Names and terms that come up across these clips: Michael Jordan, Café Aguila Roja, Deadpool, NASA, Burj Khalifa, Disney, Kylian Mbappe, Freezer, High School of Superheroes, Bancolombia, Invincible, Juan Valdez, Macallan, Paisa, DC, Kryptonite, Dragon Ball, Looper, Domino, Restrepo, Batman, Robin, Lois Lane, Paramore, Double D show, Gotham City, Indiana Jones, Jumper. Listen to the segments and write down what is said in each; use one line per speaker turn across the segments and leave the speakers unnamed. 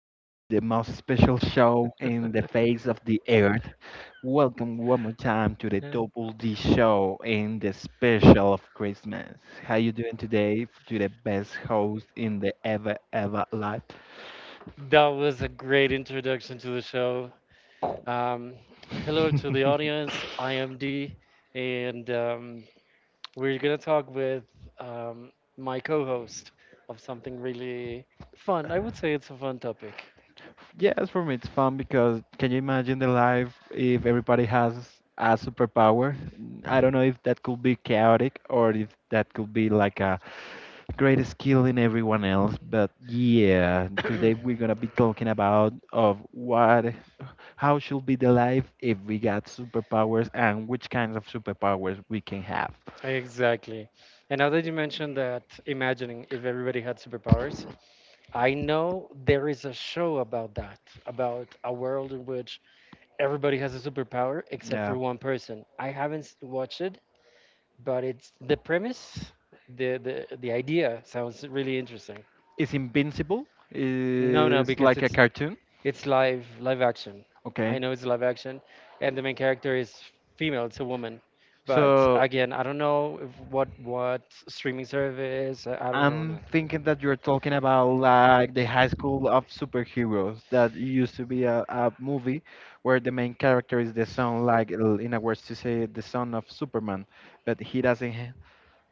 to the most special show in the face of the earth. Welcome one more time to the
No.
Double D show in the special of Christmas. How you doing today? To the best host in the ever life.
That was a great introduction to the show. Um, Hello to the audience. I am D, and we're going to talk with my co host of something really fun. I would say it's a fun topic.
Yes, for me it's fun because can you imagine the life if everybody has a superpower? I don't know if that could be chaotic or if that could be like a great skill in everyone else. But yeah, today we're gonna be talking about of what, how should be the life if we got superpowers and which kinds of superpowers we can have.
Exactly. And now that you mentioned that, imagining if everybody had superpowers, I know there is a show about that, about a world in which everybody has a superpower except
Yeah,
for one person. I haven't s- watched it, but it's the premise, the idea sounds really interesting.
is Invincible?
No, no,
Is
because
like a
it's
cartoon?
it's live action. I
Okay.
know it's live action, and the main character is female. It's a woman, but
So
again, I don't know if what streaming service. I don't know.
I'm
Nothing.
thinking that you're talking about like the High School of Superheroes that used to be a movie where the main character is the son, like in a words to say, the son of Superman, but he doesn't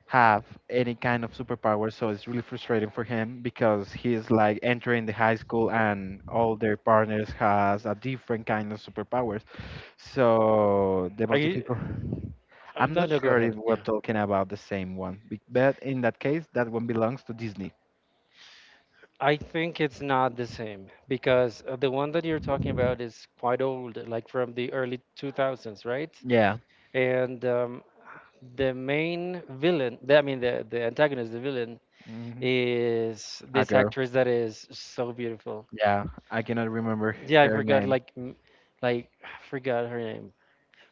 have any kind of superpower, so it's really frustrating for him because he's like entering the high school and all their partners has a different kind of superpowers. So the
Are
most
you?
difficult. I'm
No,
not
no. Go
sure if
ahead.
we're
Yeah.
talking about the same one, but in that case, that one belongs to Disney.
I think it's not the same because the one that you're talking about is quite old, like from the early 2000s, right?
Yeah.
And the main villain, the antagonist, the villain,
Hmm.
is
A
this
girl.
actress that is so beautiful.
Yeah, I cannot remember
Yeah, I
her
forgot,
name.
like I forgot her name.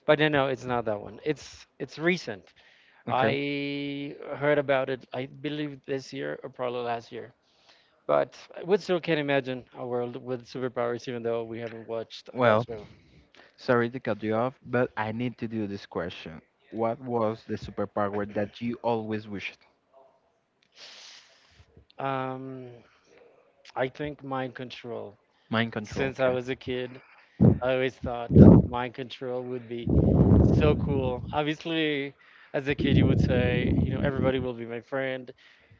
But no, no, it's not that one. It's recent.
Okay.
I heard about it. I believe this year or probably last year. But we still can imagine a world with superpowers, even though we haven't watched that
Well,
show.
sorry to cut you off, but I need to do this question. What was the superpower that you always wished?
Um, I think mind control.
Mind control.
Since I
Okay.
was a kid, I always thought mind control would be so cool. Obviously, as a kid, you would say, you know, everybody will be my friend.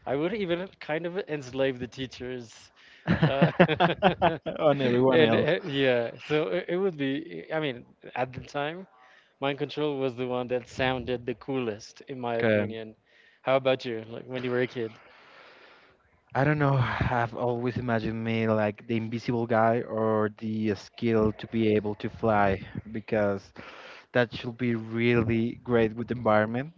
I would even kind of enslave the teachers. Uh,
On everyone
and
else.
uh, yeah, so it would be, I mean, at the time, mind control was the one that sounded the coolest, in my
Okay.
opinion. How about you? Like when you were a kid?
I don't know. I've always imagined me like the invisible guy or the skill to be able to fly because that should be really great with the environment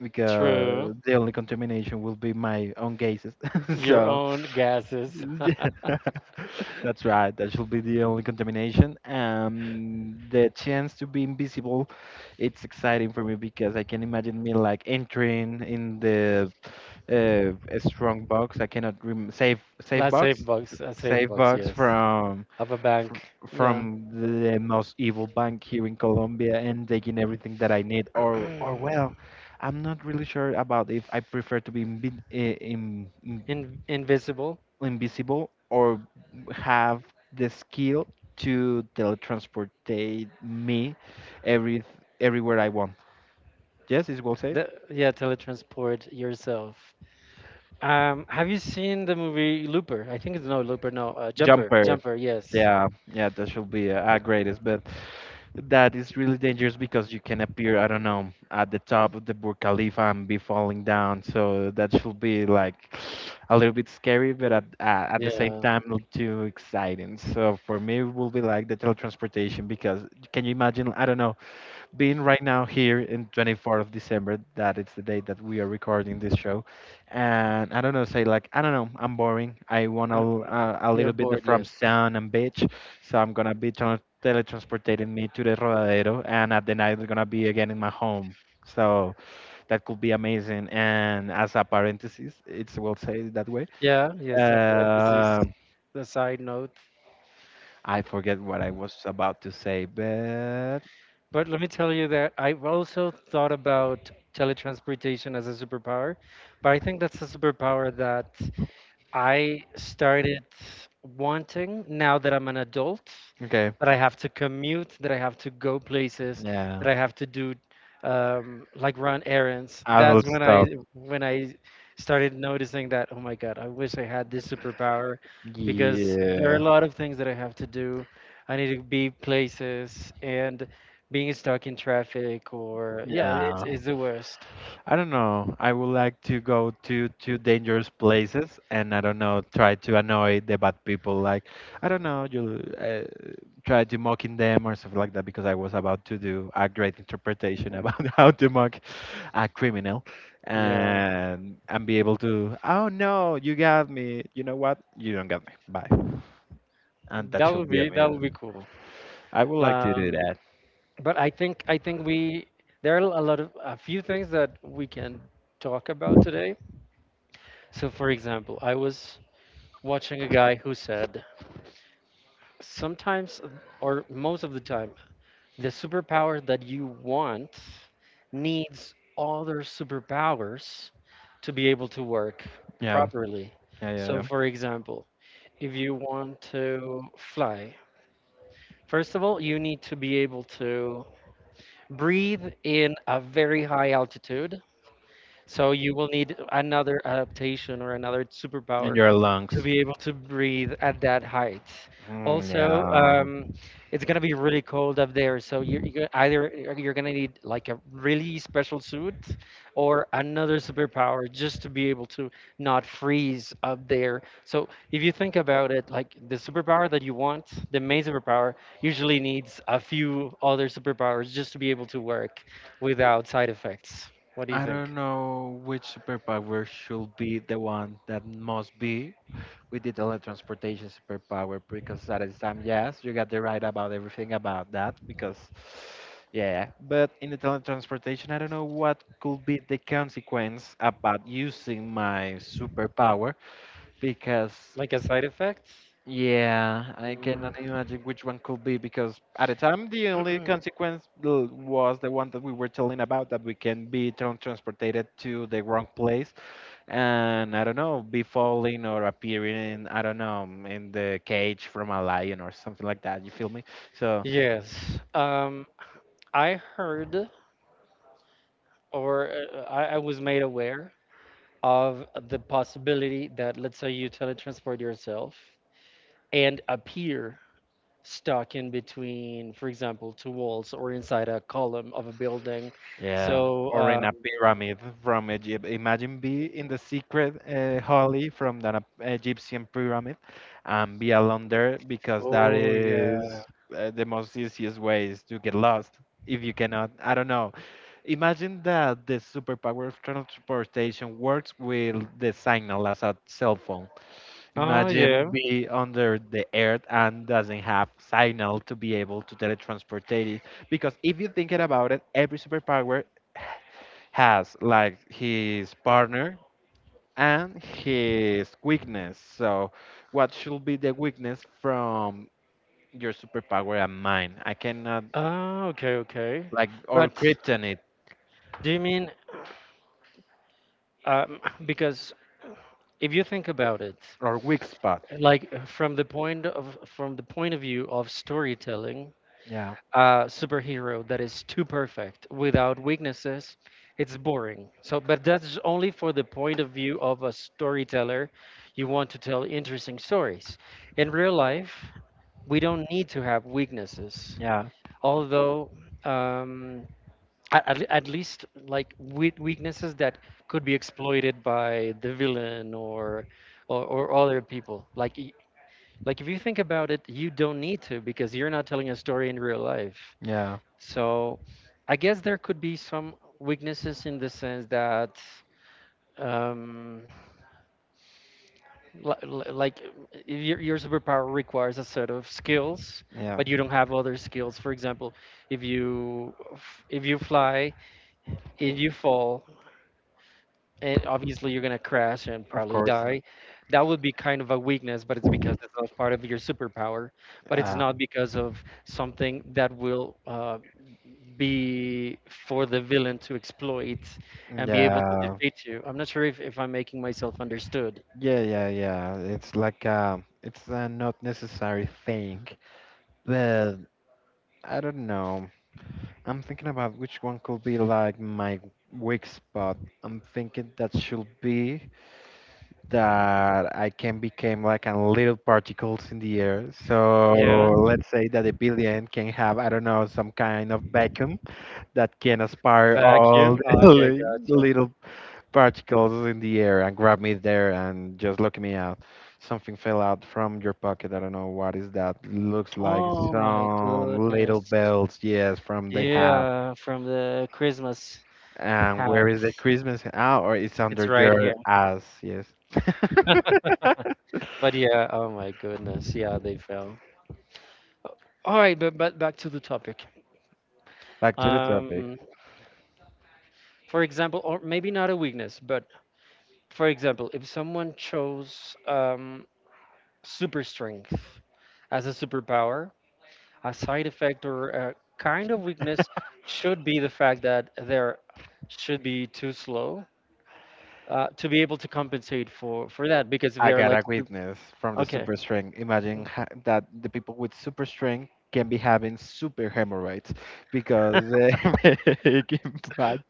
because
True.
the only contamination will be my own gases.
Your
so
own gases.
that's right. That should be the only contamination. The chance to be invisible, it's exciting for me because I can imagine me like entering in the a strong box. I cannot rem save
Last safe
box,
box. A safe
save
box,
box
yes.
from
Of a bank. Yeah.
from the most evil bank here in Colombia and taking everything that I need. Or well, I'm not really sure about if I prefer to be
In invisible.
invisible or have the skill to teletransport me every everywhere I want. Yes, is well said.
Yeah, teletransport yourself. Have you seen the movie Looper? I think it's no Looper, no Jumper.
Jumper.
Jumper, yes.
Yeah, yeah, that should be a greatest, but that is really dangerous because you can appear, I don't know, at the top of the Burj Khalifa and be falling down. So that should be like a little bit scary, but at the same
Yeah.
time not too exciting. So for me, it will be like the teletransportation because can you imagine? I don't know, being right now here in 24th of December, that it's the date that we are recording this show, and I don't know, say like I don't know, I'm boring. I want a,
Uh,
a little
you're
bit
bored,
from
yes.
sun and beach, so I'm gonna be teletransportating me to the Rodadero, and at the night we're gonna be again in my home. So that could be amazing. And as a parenthesis, it's will say it that way.
Yeah, yes. Upper emphasis.
Uh,
The side note.
I forget what I was about to say, but
But let me tell you that I've also thought about teletransportation as a superpower, but I think that's a superpower that I started wanting now that I'm an adult,
okay,
that I have to commute, that I have to go places,
yeah,
that I have to do like run errands.
adult
That's when I
stuff.
When I started noticing that, oh my God, I wish I had this superpower because there are a
Yeah.
lot of things that I have to do. I need to be places and being stuck in traffic or yeah, it's
Yeah.
it's the worst.
I don't know. I would like to go to dangerous places and I don't know, try to annoy the bad people. Like I don't know, you try to mocking them or something like that because I was about to do a great interpretation about how to mock a criminal
Yeah,
and be able to. Oh no, you got me. You know what? You don't got me. Bye. And that should be
that would be
amazing.
cool.
I would like to do
Um,
that.
but I think we there are a lot of a few things that we can talk about today. So for example, I was watching a guy who said sometimes or most of the time the superpower that you want needs other superpowers to be able to work
Yeah.
properly.
Yeah. Yeah.
So
Yeah.
for example, if you want to fly, first of all, you need to be able to breathe in a very high altitude. So you will need another adaptation or another
In
superpower
your
to
lungs.
be able to breathe at that height.
Mm,
Also,
yeah.
it's gonna be really cold up there, so you're either you're gonna need like a really special suit or another superpower just to be able to not freeze up there. So if you think about it, like the superpower that you want, the main superpower usually needs a few other superpowers just to be able to work without side effects. What do you
I don't
think?
know which superpower should be the one that must be with the teletransportation superpower because at the time, yes, you got the right about everything about that because, yeah. But in the teletransportation, I don't know what could be the consequence about using my superpower because
Like a side effect?
yeah, I
Mm,
cannot imagine which one could be because at the time the only consequence was the one that we were telling about that we can be transported to the wrong place and I don't know, be falling or appearing in, I don't know, in the cage from a lion or something like that. You feel me? So.
yes. I heard or I was made aware of the possibility that, let's say, you teletransport yourself and appear stuck in between, for example, two walls or inside a column of a building.
Yeah,
So,
or in a pyramid from Egypt. Imagine be in the secret holly from the Egyptian pyramid and be alone there because that
oh,
is
yeah.
the most easiest ways to get lost if you cannot. I don't know. Imagine that the superpower of transportation works with the signal as a cell phone.
Oh,
Imagine
yeah.
be under the earth and doesn't have signal to be able to teletransport it. Because if you think about it, every superpower has like his partner and his weakness. So, what should be the weakness from your superpower and mine? I cannot,
Ah, okay, okay.
like, or
But
kryptonite
do you mean, um, because if you think about it,
or weak spot.
from the point of from the point of view of storytelling,
Yeah,
a superhero that is too perfect without weaknesses, it's boring. So but that's only for the point of view of a storyteller. You want to tell interesting stories in real life. We don't need to have weaknesses,
yeah,
although, um, at, at least like weaknesses that could be exploited by the villain or or other people like if you think about it, you don't need to because you're not telling a story in real life.
yeah,
So I guess there could be some weaknesses in the sense that um like uh, your superpower requires a set of skills
yeah.
but you don't have other skills. For example, if you if you fly, if you fall, and obviously you're gonna crash and
Of
probably
course.
die. That would be kind of a weakness, but it's because it's not part of your superpower. But it's
Uh,
not because of something that will be for the villain to exploit and be able to
yeah.
defeat you. I'm not sure if I'm making myself understood.
Yeah, yeah, yeah. It's like it's a not necessary thing, but I don't know. I'm thinking about which one could be like my weak spot. I'm thinking that should be that I can become like a little particles in the air. So
Yeah.
let's say that a billion can have I don't know some kind of vacuum that can aspire
Vacuum.
all the
Okay, gotcha.
little particles in the air and grabbed me there and just looked me out. Something fell out from your pocket. I don't know what is that. Looks like
Oh my
some little
goodness.
bells, yes, from the hat.
Yeah, from the Christmas
And
hat.
where is the Christmas? Ah, or it's under
It's right here.
your ass, yes.
But yeah, oh my goodness, yeah, they fell. All right, but back to the topic.
Back to the topic.
Um, for example, or maybe not a weakness, but for example, if someone chose super strength as a superpower, a side effect or a kind of weakness should be the fact that they're should be too slow to be able to compensate for that because if
I
they're
got
like,
a witness from the
okay,
super strength. Imagine that the people with super strength can be having super hemorrhoids because they make him bad,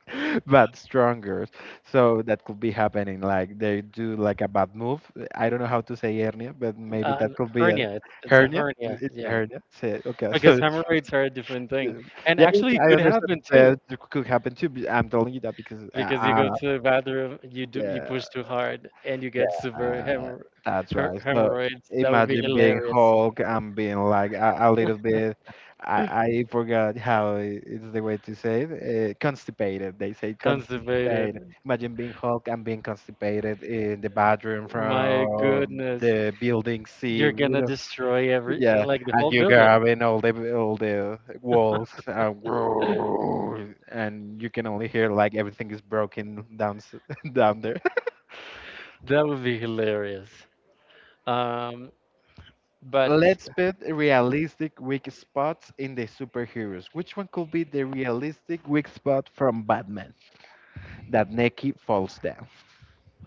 bad stronger. So that could be happening. Like they do like a bad move. I don't know how to say hernia, but maybe
uh,
that could be a
hernia, it's a
hernia. It-
hernia,
It's a
yeah.
hernia. Say okay. So
Because hemorrhoids are a different thing,
yeah,
and
yeah,
actually
yeah,
it
I
could
understand
happen too.
that it could happen too. But I'm telling you that because
Because you go to the bathroom, you
yeah.
push too hard, and you
Yeah,
get super hemorr
that's right. So
hemorrhoids. That would be
imagine being
hilarious.
Hulk and being like a little bit, I, I forgot how it's the way to say it, constipated. They say constipated.
Constipated.
Imagine being Hulk and being constipated in the bathroom
My
from
goodness,
the building C, you
you're gonna
know,
destroy every
yeah,
like the
and
whole
you
building.
grabbing all the walls and, and you can only hear like everything is broken down down there.
That would be hilarious. Um, but
Let's put realistic weak spots in the superheroes. Which one could be the realistic weak spot from Batman that Neki falls down?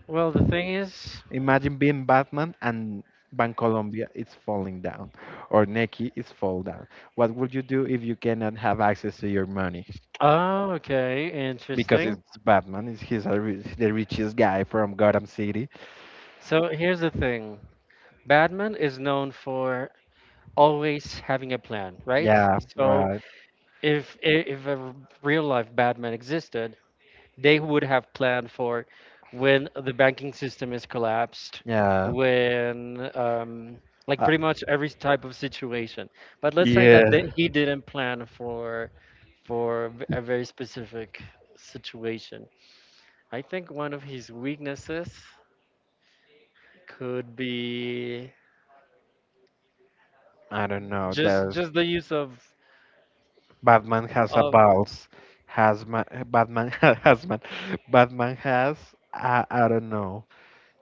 well, the thing is,
Imagine being Batman and Bancolombia is falling down, or Neki is fall down. What would you do if you cannot have access to your money?
oh, okay,
Because
interesting.
it's Batman, is he's a, the richest guy from Gotham City.
So here's the thing. Batman is known for always having a plan, right?
Yeah,
So
right.
if a real life Batman existed, they would have planned for when the banking system is collapsed,
Yeah.
when like
Uh,
pretty much every type of situation. But let's say that
yeah.
he didn't plan for a very specific situation. I think one of his weaknesses could be
I don't know. That
just the use of
Batman has a
of
balls. Has Batman has man. Batman has I don't know.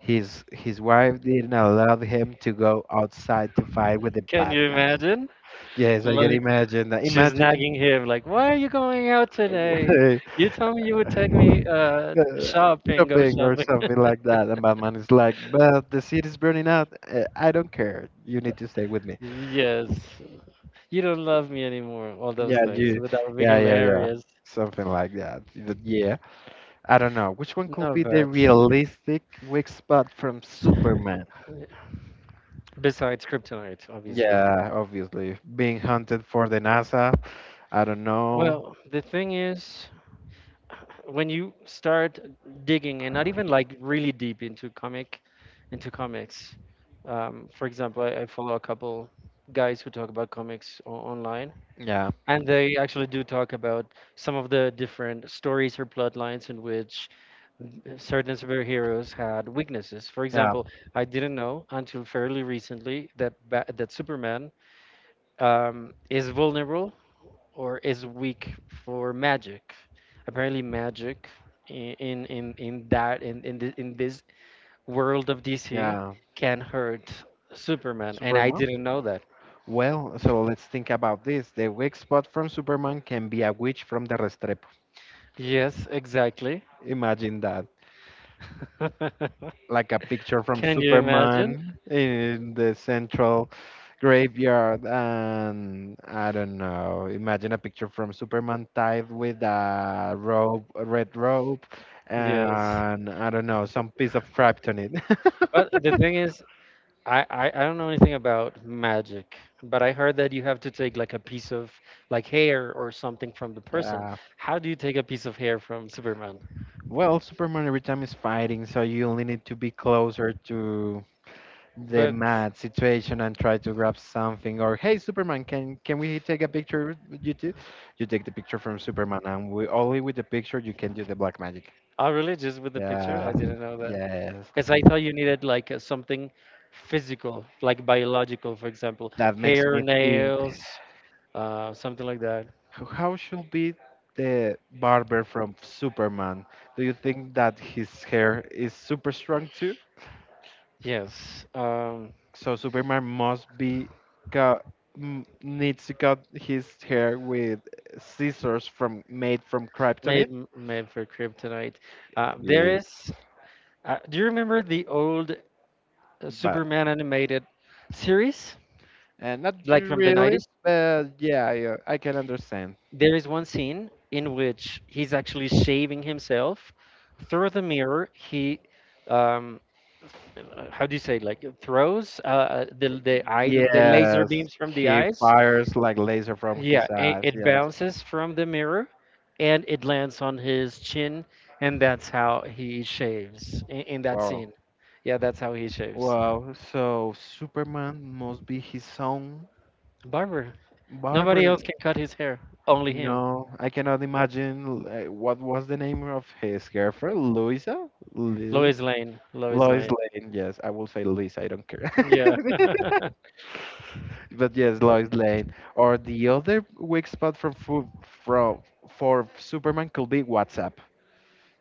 His wife didn't allow him to go outside to fight with the
can
bad
you
guys.
imagine?
Yes, I can
Like
imagine that.
she's
Imagine
nagging him like, "Why are you going out today? You told me you would take me
uh,
shopping, go
shopping or
shopping."
something like that, and Batman is like, "But the city's burning out. I don't care. You need to stay with me."
Yes. You don't love me anymore, all those
Yeah,
things.
you.
But that would be
Yeah, yeah, yeah.
hilarious.
Something like that. But yeah. I don't know. Which one could
No,
be the
but
realistic weak spot from Superman?
besides kryptonite, obviously.
Yeah, obviously. Being hunted for the NASA. I don't know.
Well, the thing is, when you start digging and not even like really deep into into comics. For example, I follow a couple guys who talk about comics online.
Yeah,
And they actually do talk about some of the different stories or plot in which certain superheroes had weaknesses. For
yeah,
example, I didn't know until fairly recently that ba that Superman is vulnerable or is weak for magic. Apparently, magic I- in that in, thi- in this world of DC
yeah.
can hurt Superman, and I
Superman?
didn't know that.
Well, so let's think about this. The weak spot from Superman can be a witch from the Restrepo.
Yes, exactly.
Imagine that, like a picture from
Can you imagine?
Superman in the central graveyard, and I don't know. Imagine a picture from Superman tied with a rope, a red rope,
Yes.
and I don't know, some piece of kryptonite.
But the thing is, I don't know anything about magic, but I heard that you have to take like a piece of like hair or something from the person.
Uh,
How do you take a piece of hair from Superman?
well, Superman every time is fighting, so you only need to be closer to the
But
mad situation and try to grab something. Or hey Superman, can we take a picture with you too? You take the picture from Superman and we, only with the picture, you can do the black magic.
oh, really? Just with the picture?
Yeah,
I didn't know that.
yes,
Because I thought you needed like something physical, like biological, for example,
that makes
hair,
me think,
nails, something like that.
how should be the barber from Superman? Do you think that his hair is super strong too?
Yes.
So Superman must be cut, needs to cut his hair with scissors from made from
Made
kryptonite.
made for kryptonite. There is. Do you remember the old
But
Superman animated series,
and not
like from the
really,
90s?
but yeah, yeah, I can understand.
There is one scene in which he's actually shaving himself through the mirror. He, um, how do you say, like throws the laser
Yes,
beams from the
he
eyes.
fires like laser from his
Yeah,
eyes.
it
Yes,
bounces from the mirror and it lands on his chin, and that's how he shaves in that
wow,
scene. Yeah, that's how he shaves.
wow. So Superman must be his own
Barber. Nobody
barber.
else can cut his hair, only him.
No, I cannot imagine. What was the name of his girlfriend? Louisa, Louis,
Lois Lane. Lois
Lois
Lane.
Lane. Yes, I will say Louisa. I don't care.
Yeah.
But yes, Lois Lane. Or the other weak spot from fu- from for Superman could be WhatsApp.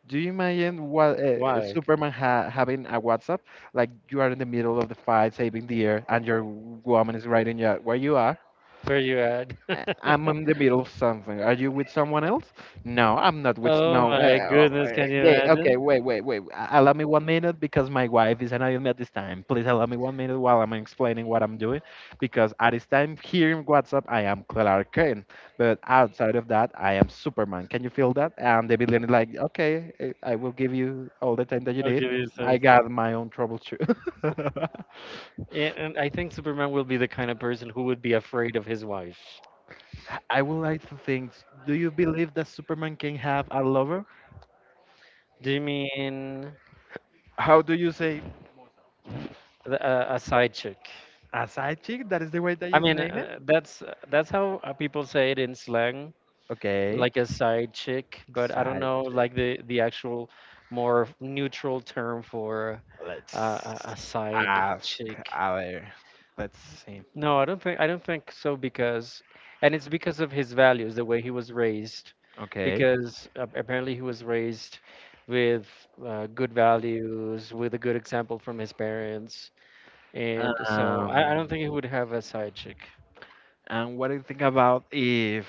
Do you imagine what
Why?
Superman ha having a WhatsApp? Like you are in the middle of the fight, saving the air, and your woman is writing you, where you are.
Where you at?
I'm in the middle of something. Are you with someone else? No, I'm not with
Oh
no.
my goodness, can you
Okay, okay,
imagine?
wait, wait, wait. Allow me 1 minute because my wife is annoying me at this time. Please allow me 1 minute while I'm explaining what I'm doing, because at this time here in WhatsApp I am Clark Kent, but outside of that I am Superman. Can you feel that? And the villain is like, okay, I will give you all the time that you
I'll give
need.
you some.
I got my own trouble too.
And I think Superman will be the kind of person who would be afraid of his wife.
I would like to think, do you believe that Superman can have a lover?
Do you mean
How do you say
a side chick.
a side chick? That is the way that
I
you
mean,
name it?
that's how people say it in slang,
Okay.
like a side chick. But I don't
Side
know, like
chick.
the actual more neutral term for uh,
Let's
a side
ask.
chick.
A ver. Let's see.
No, I don't think so, because, and it's because of his values, the way he was raised,
Okay.
because apparently he was raised with good values, with a good example from his parents, and so I don't
Um,
think he would have a side chick.
and what do you think about if.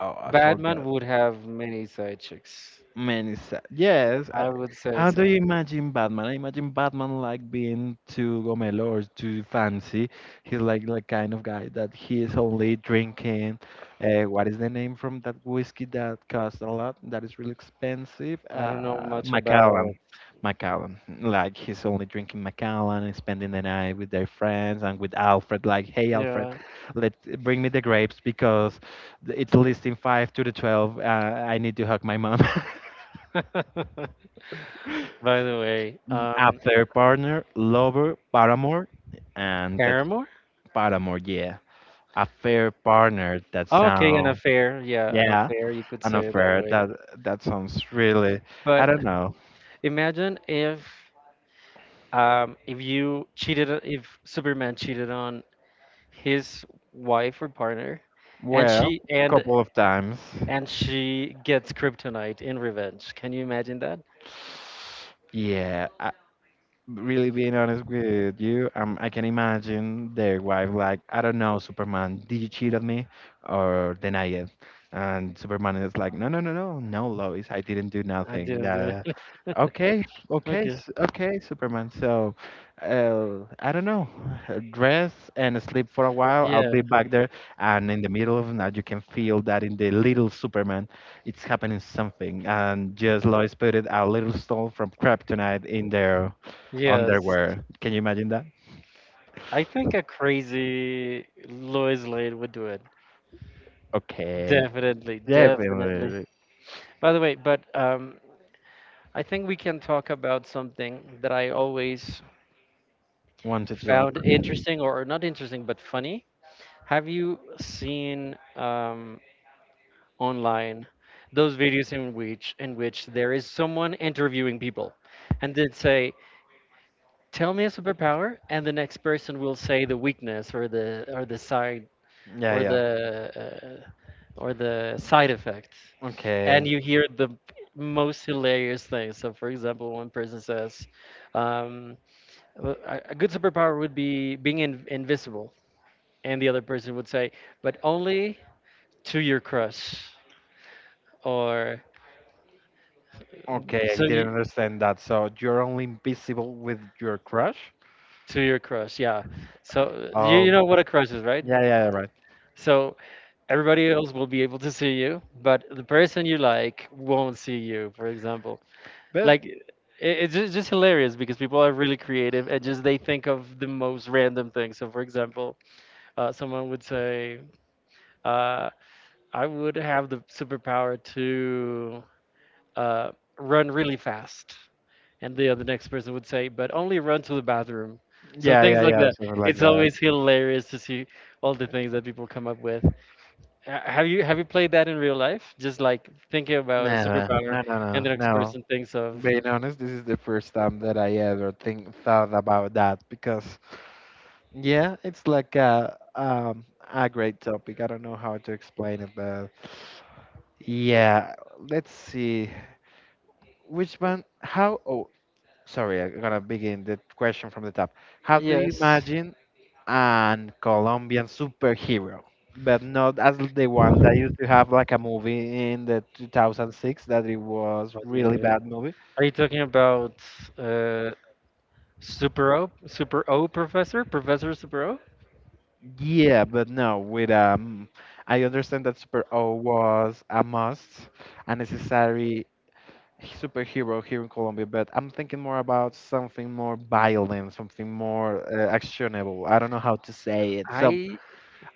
Oh, I
Batman
forgot.
would have many side chicks.
Many is. Yes.
I would say
How do you
so.
imagine Batman? I imagine Batman like being too gomelo or too fancy. He's like the kind of guy that he is only drinking. What is the name from that whiskey that costs a lot? That is really expensive.
I don't know much about.
Macallan. Macallan. Like he's only drinking Macallan and spending the night with their friends and with Alfred. Like, hey Alfred,
Yeah.
let bring me the grapes because it's listing 5 to the 12. I need to hug my mom.
By the way,
Affair partner, lover, paramour, and that's
Paramore?
paramour, yeah. Affair partner, that
Okay, an
sound,
affair. Yeah, an
yeah,
affair. You could
an
say it that
affair.
way.
That sounds really, I
But
don't know.
imagine if you cheated, if Superman cheated on his wife or partner, and
Well,
she and
couple of times,
and she gets kryptonite in revenge. Can you imagine that?
yeah. Really being honest with you, I can imagine their wife like, I don't know, Superman, did you cheat on me or deny it? And Superman is like, no, no, no, no, no, Lois, I didn't do
I
nothing.
didn't do that.
Okay, okay,
Okay.
okay, Superman. So, I don't know, dress and sleep for a while. I'll
Yeah.
be back there. And in the middle of the night, you can feel that in the little Superman, it's happening something. And just Lois put it a little soul from Kryptonite in there
Yes,
underwear. Can you imagine that?
I think a crazy Lois Lane would do it.
Okay.
Definitely,
Yeah, if
definitely.
we
By the way, but I think we can talk about something that I always
want to
found
talk.
interesting, or not interesting, but funny. Have you seen online those videos in which there is someone interviewing people, and they say, "Tell me a superpower," and the next person will say the weakness
Yeah,
or
yeah.
the uh, or the side effect, and
Okay.
you hear the most hilarious things. So for example, one person says um, "Well, a good superpower would be being invisible," and the other person would say, "But only to your crush," or
Okay, I
so
didn't
you,
understand that. So you're only invisible with your crush?
"To your crush." Yeah, so you
Oh,
know what a crush is, right?
yeah, yeah, right.
So everybody else will be able to see you, but the person you like won't see you, for example.
But
like it, it's just hilarious because people are really creative, and just they think of the most random things. So for example, someone would say, uh, "I would have the superpower to uh, run really fast," and the other next person would say, "But only run to the bathroom." So
yeah,
things
yeah,
like
yeah,
that.
something like
It's
that.
always hilarious to see all the things that people come up with. Have you played that in real life, just like thinking about a
No,
superpower
no, no,
and
no,
the next
no.
person thinks of?
Being honest, this is the first time that I ever think thought about that because. Yeah, it's like a great topic. I don't know how to explain it, but yeah, let's see. Which one? How? Oh, sorry, I'm gonna begin the question from the top. How do you
Yes.
imagine an Colombian superhero, but not as the one that used to have like a movie in the 2006 that it was really
What?
bad movie?
Are you talking about uh, Super O? Super O Professor? Professor Super O?
Yeah, but no, with I understand that Super O was a must, a necessary superhero here in Colombia, but I'm thinking more about something more violent, something more actionable. I don't know how to say it. Some
I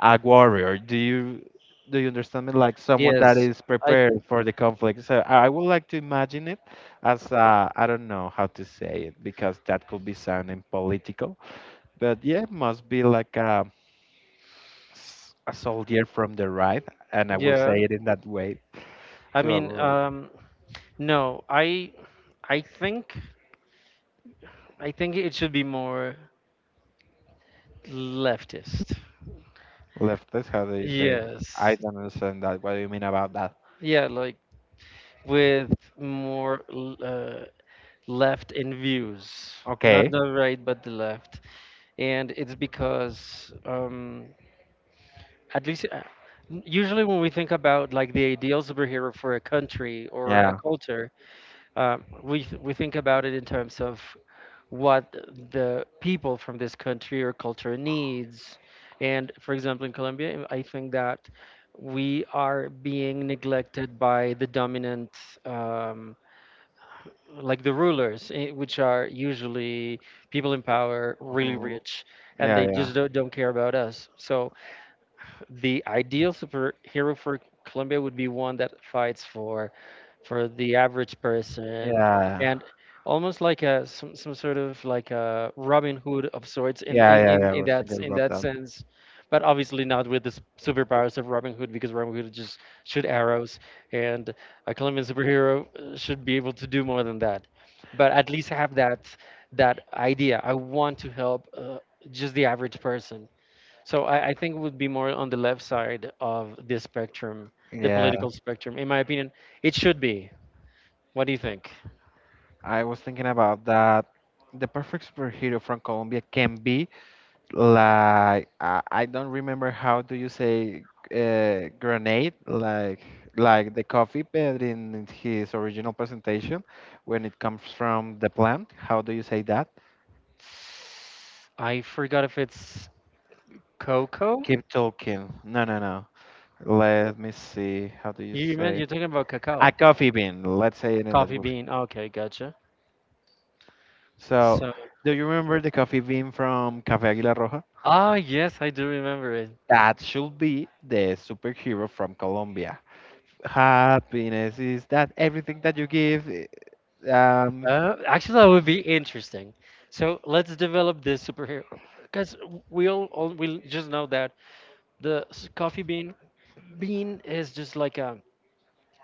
A warrior. Do you understand me? Like someone that
yes.
is
I
prepared for the conflict. So I would like to imagine it as I don't know how to say it because that could be sounding political. But yeah, it must be like a soldier from the right, and I will say
yeah.
it in that way
I
to
mean,
avoid.
um, no. I think I think it should be more leftist.
Lefties, how do you say? I
Yes.
don't understand that. What do you mean about that?
Yeah, like with more left in views, not
Okay.
the right, but the left. And it's because at least usually when we think about like the ideal superhero for a country or a
Yeah.
culture, we think about it in terms of what the people from this country or culture needs. And for example, in Colombia, I think that we are being neglected by the dominant um, like the rulers, which are usually people in power, really
Hmm.
rich, and
Yeah,
they
yeah,
just don't care about us. So the ideal superhero for Colombia would be one that fights for the average person,
yeah,
and almost like a some sort of like a Robin Hood of sorts, in
yeah,
in,
yeah,
in,
yeah. I
in
was
that
thinking
in
about
that
that.
sense. But obviously not with the superpowers of Robin Hood, because Robin Hood just shoot arrows, and a Colombian superhero should be able to do more than that. But at least have that that idea. I want to help just the average person. So I think it would be more on the left side of this spectrum, the
Yeah,
political spectrum. In my opinion, it should be. What do you think?
I was thinking about that. The perfect superhero from Colombia can be like I don't remember how do you say grenade like the coffee but in his original presentation when it comes from the plant. How do you say that?
I forgot if it's cocoa.
Keep talking. No, no, no. Let me see. How do you
You meant
say it?
you're talking about
A
cacao,
coffee bean. Let's say it in that
coffee
way.
bean. Okay, gotcha.
So,
So,
do you remember the coffee bean from Café Aguila Roja?
ah, yes, I do remember it.
That should be the superhero from Colombia. Happiness is that everything that you give. Um,
Actually, that would be interesting. So let's develop this superhero because we just know that the coffee bean is just like a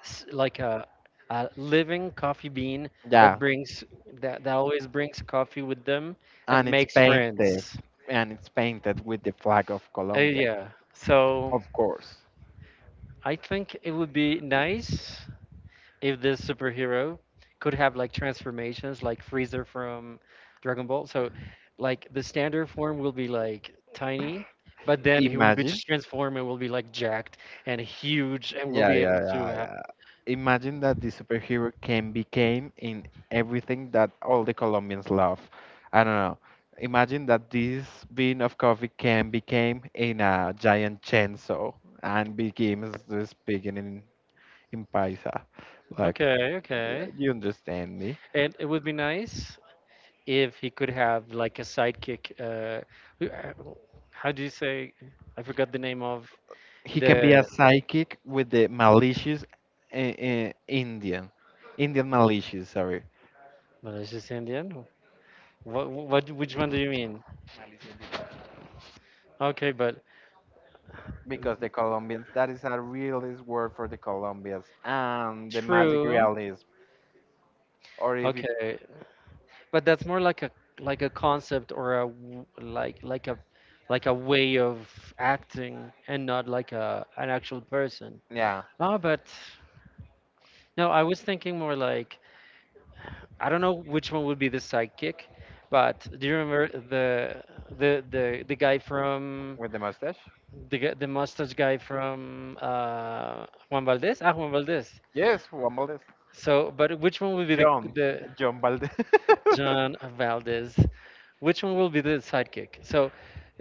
s- like a, a living coffee bean that
yeah,
brings that always brings coffee with them, and
and it's
makes friends.
painted, and it's painted with the flag of Colombia,
Yeah. So
of course.
I think it would be nice if this superhero could have like transformations like Freezer from Dragon Ball. So like the standard form will be like tiny, but then he will be
Imagine.
just transformed and will be like jacked and huge, and will
Yeah,
be
yeah,
able to
yeah,
have.
yeah. Imagine that the superhero can became in everything that all the Colombians love. I don't know. Imagine that this bean of coffee can became in a giant chainsaw and begins to speaking in Paisa. Like,
Okay,
yeah,
okay.
you understand me?
And it would be nice if he could have like a sidekick. Who- uh, how do you say? I forgot the name of
He can be
the
a psychic with the malicious Indian, malicious, sorry.
malicious Indian. Which one do you mean? Okay, but
Because the Colombians, that is a realist word for the Colombians, and the magic
True.
realism, or if you,
Okay. But that's more like a concept, or a like a way of acting, and not like a an actual person.
yeah,
Ah, but no, I was thinking more like I don't know which one would be the sidekick, but do you remember the guy from
with the mustache.
the mustache guy from Juan Valdez? Ah, Juan Valdez.
Yes, Juan Valdez.
So, but which one will be
John,
the
John Valdez.
John Valdez? Which one will be the sidekick? So,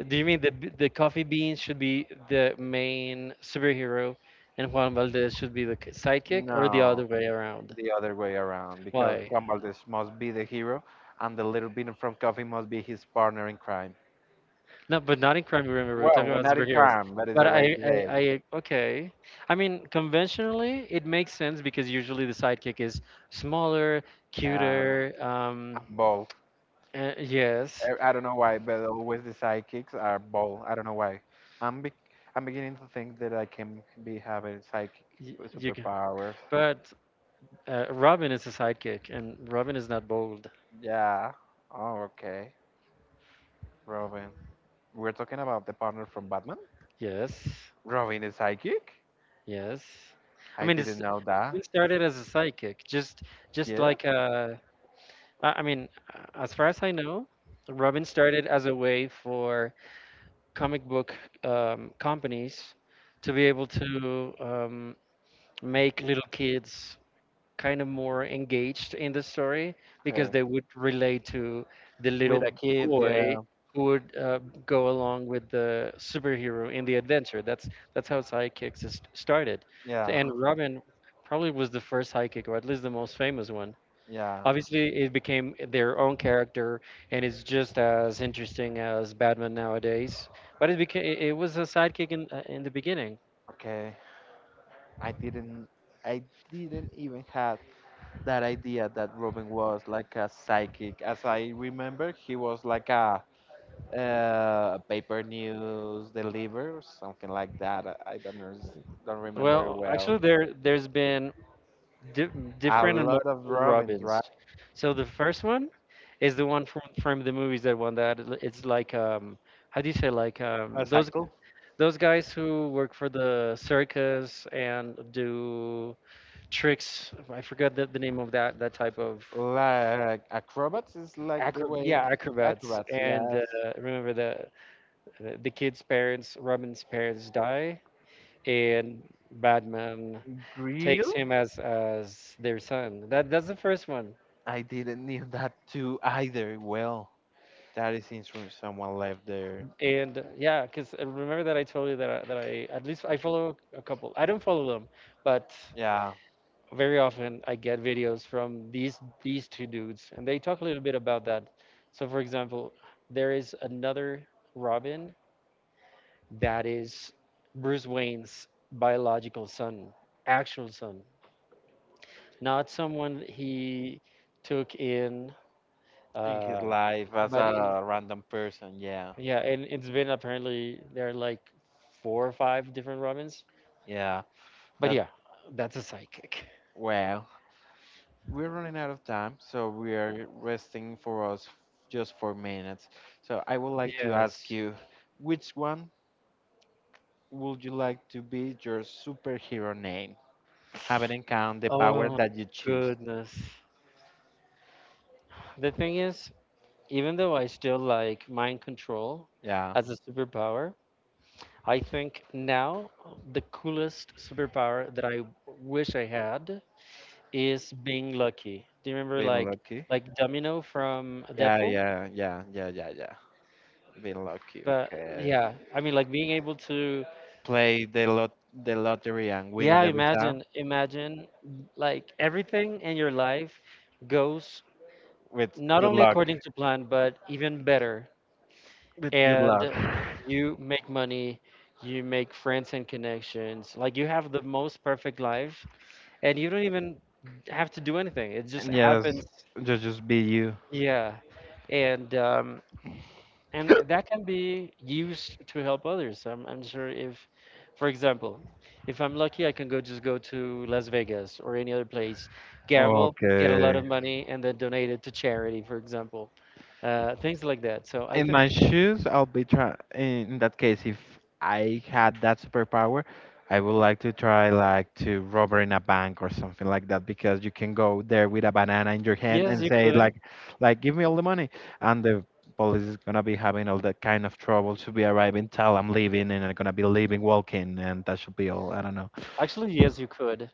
do you mean the coffee bean should be the main superhero, and Juan Valdez should be the sidekick, or the
No,
other way around?
the other way around, because
Why?
Juan Valdez must be the hero, and the little bit from Coffee must be his partner in crime.
No, but not in Crime, Remember. We're
Well,
talking
we're
about
not in
superheroes.
crime, that is
But
a way to say it.
okay. I mean, conventionally, it makes sense because usually the sidekick is smaller,
Uh,
cuter.
I'm bold.
Yes,
I don't know why, but always the sidekicks are bald. I don't know why. I'm be I'm beginning to think that I can be having psychic
you can.
superpowers.
But Robin is a sidekick, and Robin is not bold.
Yeah. Oh, okay. Robin. We're talking about the partner from Batman?
Yes,
Robin is psychic?
yes. I
I
mean,
didn't
it's
know that.
it started as a sidekick, just
Yeah?
like I mean, as far as I know, Robin started as a way for comic book companies to be able to make little kids kind of more engaged in the story because
Okay.
they would relate to the
With
little
a kid,
boy
yeah.
who would go along with the superhero in the adventure. That's how sidekicks is started.
Yeah.
And Robin probably was the first sidekick, or at least the most famous one.
Yeah.
Obviously, it became their own character, and it's just as interesting as Batman nowadays. But it became it was a sidekick in the beginning.
Okay. I didn't I didn't even had that idea that Robin was like a psychic. As I remember, he was like a paper news deliver, something like that. I don't know, don't remember
Well,
well.
actually, there there's been di
A
different and
lot of
multiple
robins,
Robins.
right?
So the first one is the one from the movies that won that. It's like how do you say like,
A cycle?
those guys who work for the circus and do tricks. I forgot the name of that that type of.
Like acrobats is like the
Acro
way
Yeah, acrobats.
acrobats.
And
Yes,
remember the kid's parents, Robin's parents die, and Batman takes
Grill?
him as their son. That that's the first one.
I didn't knew that too either. Well, that is since from someone left there.
And yeah, because remember that I told you that that I at least I follow a couple. I don't follow them, but
Yeah,
very often I get videos from these two dudes, and they talk a little bit about that. So, for example, there is another Robin that is Bruce Wayne's biological son, actual son, not someone he took in.
in his
Uh,
life as
but i-
a random person. Yeah,
yeah, and it's been apparently there are like four or five different Robins.
yeah.
But
That
yeah, that's a psychic.
well. We're running out of time, so we are resting for us just for minutes. So I would like to ask
Yes.
you, which one would you like to be your superhero name? Having in count the
Oh
power
my
that you choose.
goodness. The thing is, even though I still like mind control
Yeah,
as a superpower, I think now the coolest superpower that I wish I had is being lucky. Do you remember
being lucky.
like Domino from
Yeah,
Deadpool?
yeah, yeah, yeah, yeah, yeah. Being lucky.
But
Okay.
yeah, I mean like being able to
Play the lot the lottery and win
yeah,
it every time.
imagine imagine like everything in your life goes
With
not
good
only
luck.
according to plan but even better,
With good luck.
and you make money, you make friends and connections. Like you have the most perfect life, and you don't even have to do anything. It just
And yes,
happens.
just be you.
Yeah, and um, and that can be used to help others. I'm sure if, for example, if I'm lucky, I can go just go to Las Vegas or any other place, gamble, get a lot
Okay.
of money, and then donate it to charity, for example. Things like that. So I
In
think
my shoes, I'll be try. In that case, if I had that superpower, I would like to try like to rob in a bank or something like that because you can go there with a banana in your hand
yes,
and
you
say
could.
like give me all the money, and the police is gonna be having all that kind of trouble to be arriving till I'm leaving and I'm gonna be leaving walking and that should be all. I don't know.
Actually, yes, you could.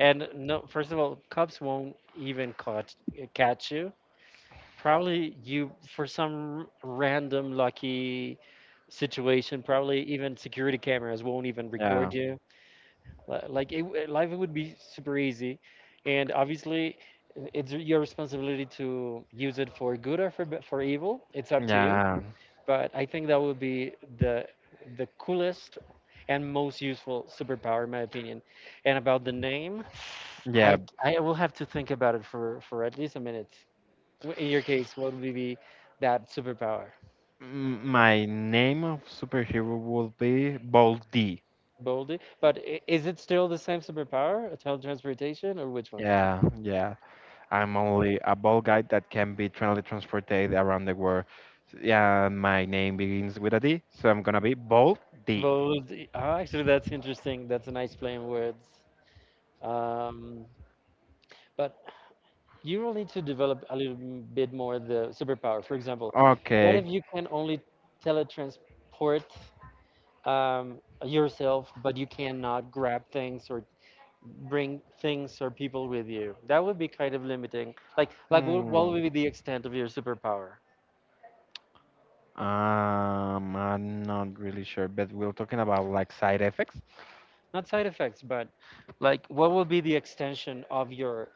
And no, first of all, cops won't even catch you. Probably you, for some random lucky situation, probably even security cameras won't even
Yeah,
record you. Life would be super easy, and obviously, it's your responsibility to use it for good or for for evil. It's up to you.
yeah,
But I think that would be the the coolest and most useful superpower, in my opinion. And about the name,
yeah.
I will have to think about it for at least a minute. In your case, what would be that superpower?
My name of superhero will be Bold D.
Bold. But is it still the same superpower, teletransportation, or which one?
Yeah, yeah. I'm only a bald guy that can be trendy transported around the world. Yeah, my name begins with a D, so I'm gonna be Bald D.
Bold. Oh, actually, that's interesting. That's a nice play on words. Um, but you will need to develop a little bit more the superpower. For example, what
Okay.
if you can only teletransport um, yourself, but you cannot grab things or bring things or people with you? That would be kind of limiting. Like, what would
Hmm.
be the extent of your superpower?
I'm not really sure, but we're talking about like side effects.
Not side effects, but like what will be the extension of your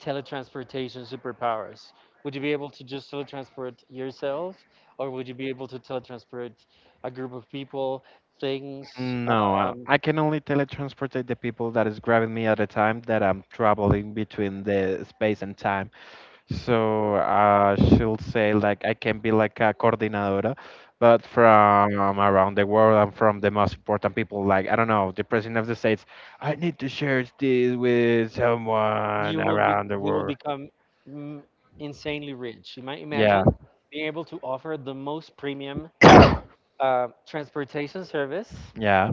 teletransportation superpowers? Would you be able to just teletransport yourself, or would you be able to teletransport a group of people, things?
No, I I can only teletransport the people that is grabbing me at a time that I'm traveling between the space and time. So she'll say like I can be like a coordinadora, but from around the world and from the most important people, like I don't know, the president of the states. I need to share this with someone
You will be
around the
you will
world.
become mm, insanely rich. You might
Yeah,
imagine being able to offer the most premium transportation service,
yeah,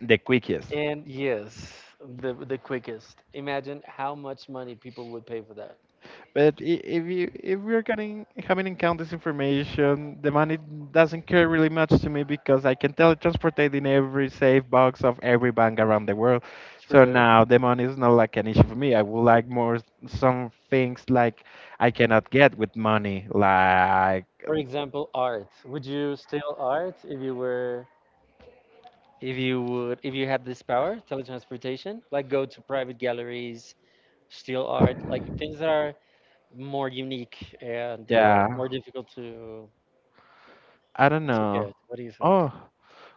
the quickest.
and yes, the quickest. Imagine how much money people would pay for that.
But if we're getting having encountered this information, the money doesn't care really much to me because I can teletransport it in every safe box of every bank around the world. So
True.
now the money is not like an issue for me. I would like more some things like I cannot get with money. Like
For example, art. Would you steal art if you were if you had this power, teletransportation? Like go to private galleries, steal art, like things that are more unique and
yeah,
more difficult to
I don't
get.
know.
What do you think?
Oh,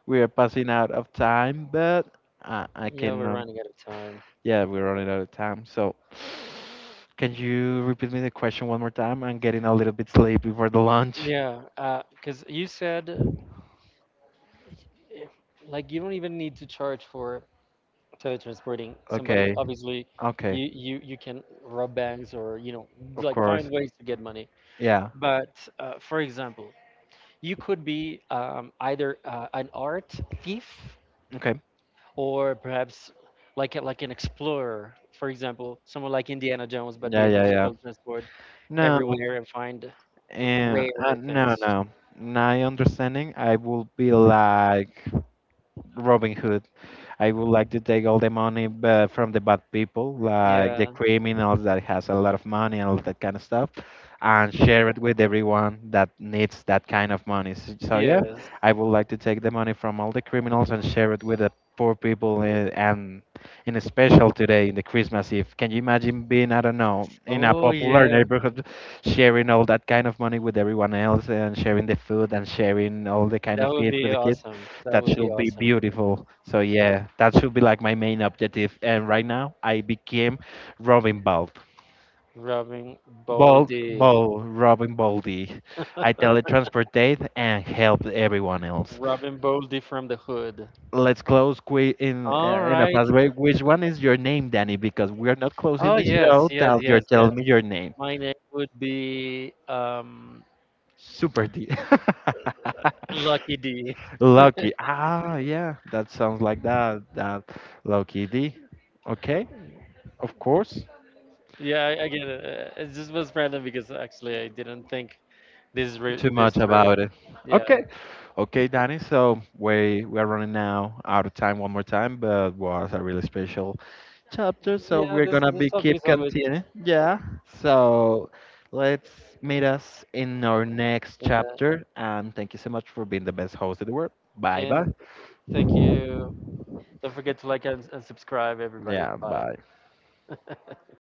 we are passing out of time, but I
Yeah, we're
cannot.
running out of time.
Yeah, we're running out of time. So, can you repeat me the question one more time? I'm getting a little bit sleepy for the lunch.
Yeah, because you said y- like you don't even need to charge for teletransporting somebody.
Okay.
Obviously,
Okay.
you can rob banks, or you know,
Of
like find
course.
ways to get money.
Yeah.
But for example, you could be either an art thief,
Okay.
or perhaps like an explorer. For example, someone like Indiana Jones, but be
Yeah,
able
yeah,
to
yeah.
teletransport
No.
everywhere and find rare things.
No, no. My understanding, I will be like Robin Hood. I would like to take all the money but from the bad people, like
Yeah.
the criminals that has a lot of money and all that kind of stuff, and share it with everyone that needs that kind of money. So yeah,
Yes.
I would like to take the money from all the criminals and share it with the poor people, and in a special today in the Christmas Eve. Can you imagine being, I don't know, in a
Oh
popular
yeah.
neighborhood, sharing all that kind of money with everyone else and sharing the food and sharing all the kind
That
of
would
gifts with
be
the kids?
awesome. That
That
would be
should be
awesome.
beautiful. So yeah, that should be like my main objective. And right now, I became Robin Bald,
Robin Boldy.
Robin Baldy. I teletransportate and help everyone else.
Robin Boldy from the hood.
Let's close in
All
uh, in a
right.
fast way. Which one is your name, Danny? Because we are not closing
Oh
the
yes,
show
yes,
till
yes,
you're
yes.
telling me your name.
My name would be
Super D.
Lucky D.
Lucky. Ah, yeah, that sounds like that. That Lucky D. Okay. Of course.
Yeah, I get it. It just was random because actually I didn't think
Too
this
much
through.
about it.
Yeah,
Okay. Okay, Danny. So we're running now out of time one more time, but was a really special chapter. So
yeah.
we're
This
gonna
this
be
topic
keep
is always
continuing. Yeah. So let's meet us in our next
in.
chapter. And thank you so much for being the best host in the world. Bye bye.
And thank you. Don't forget to like and subscribe, everybody.
Yeah.
Bye.
Bye.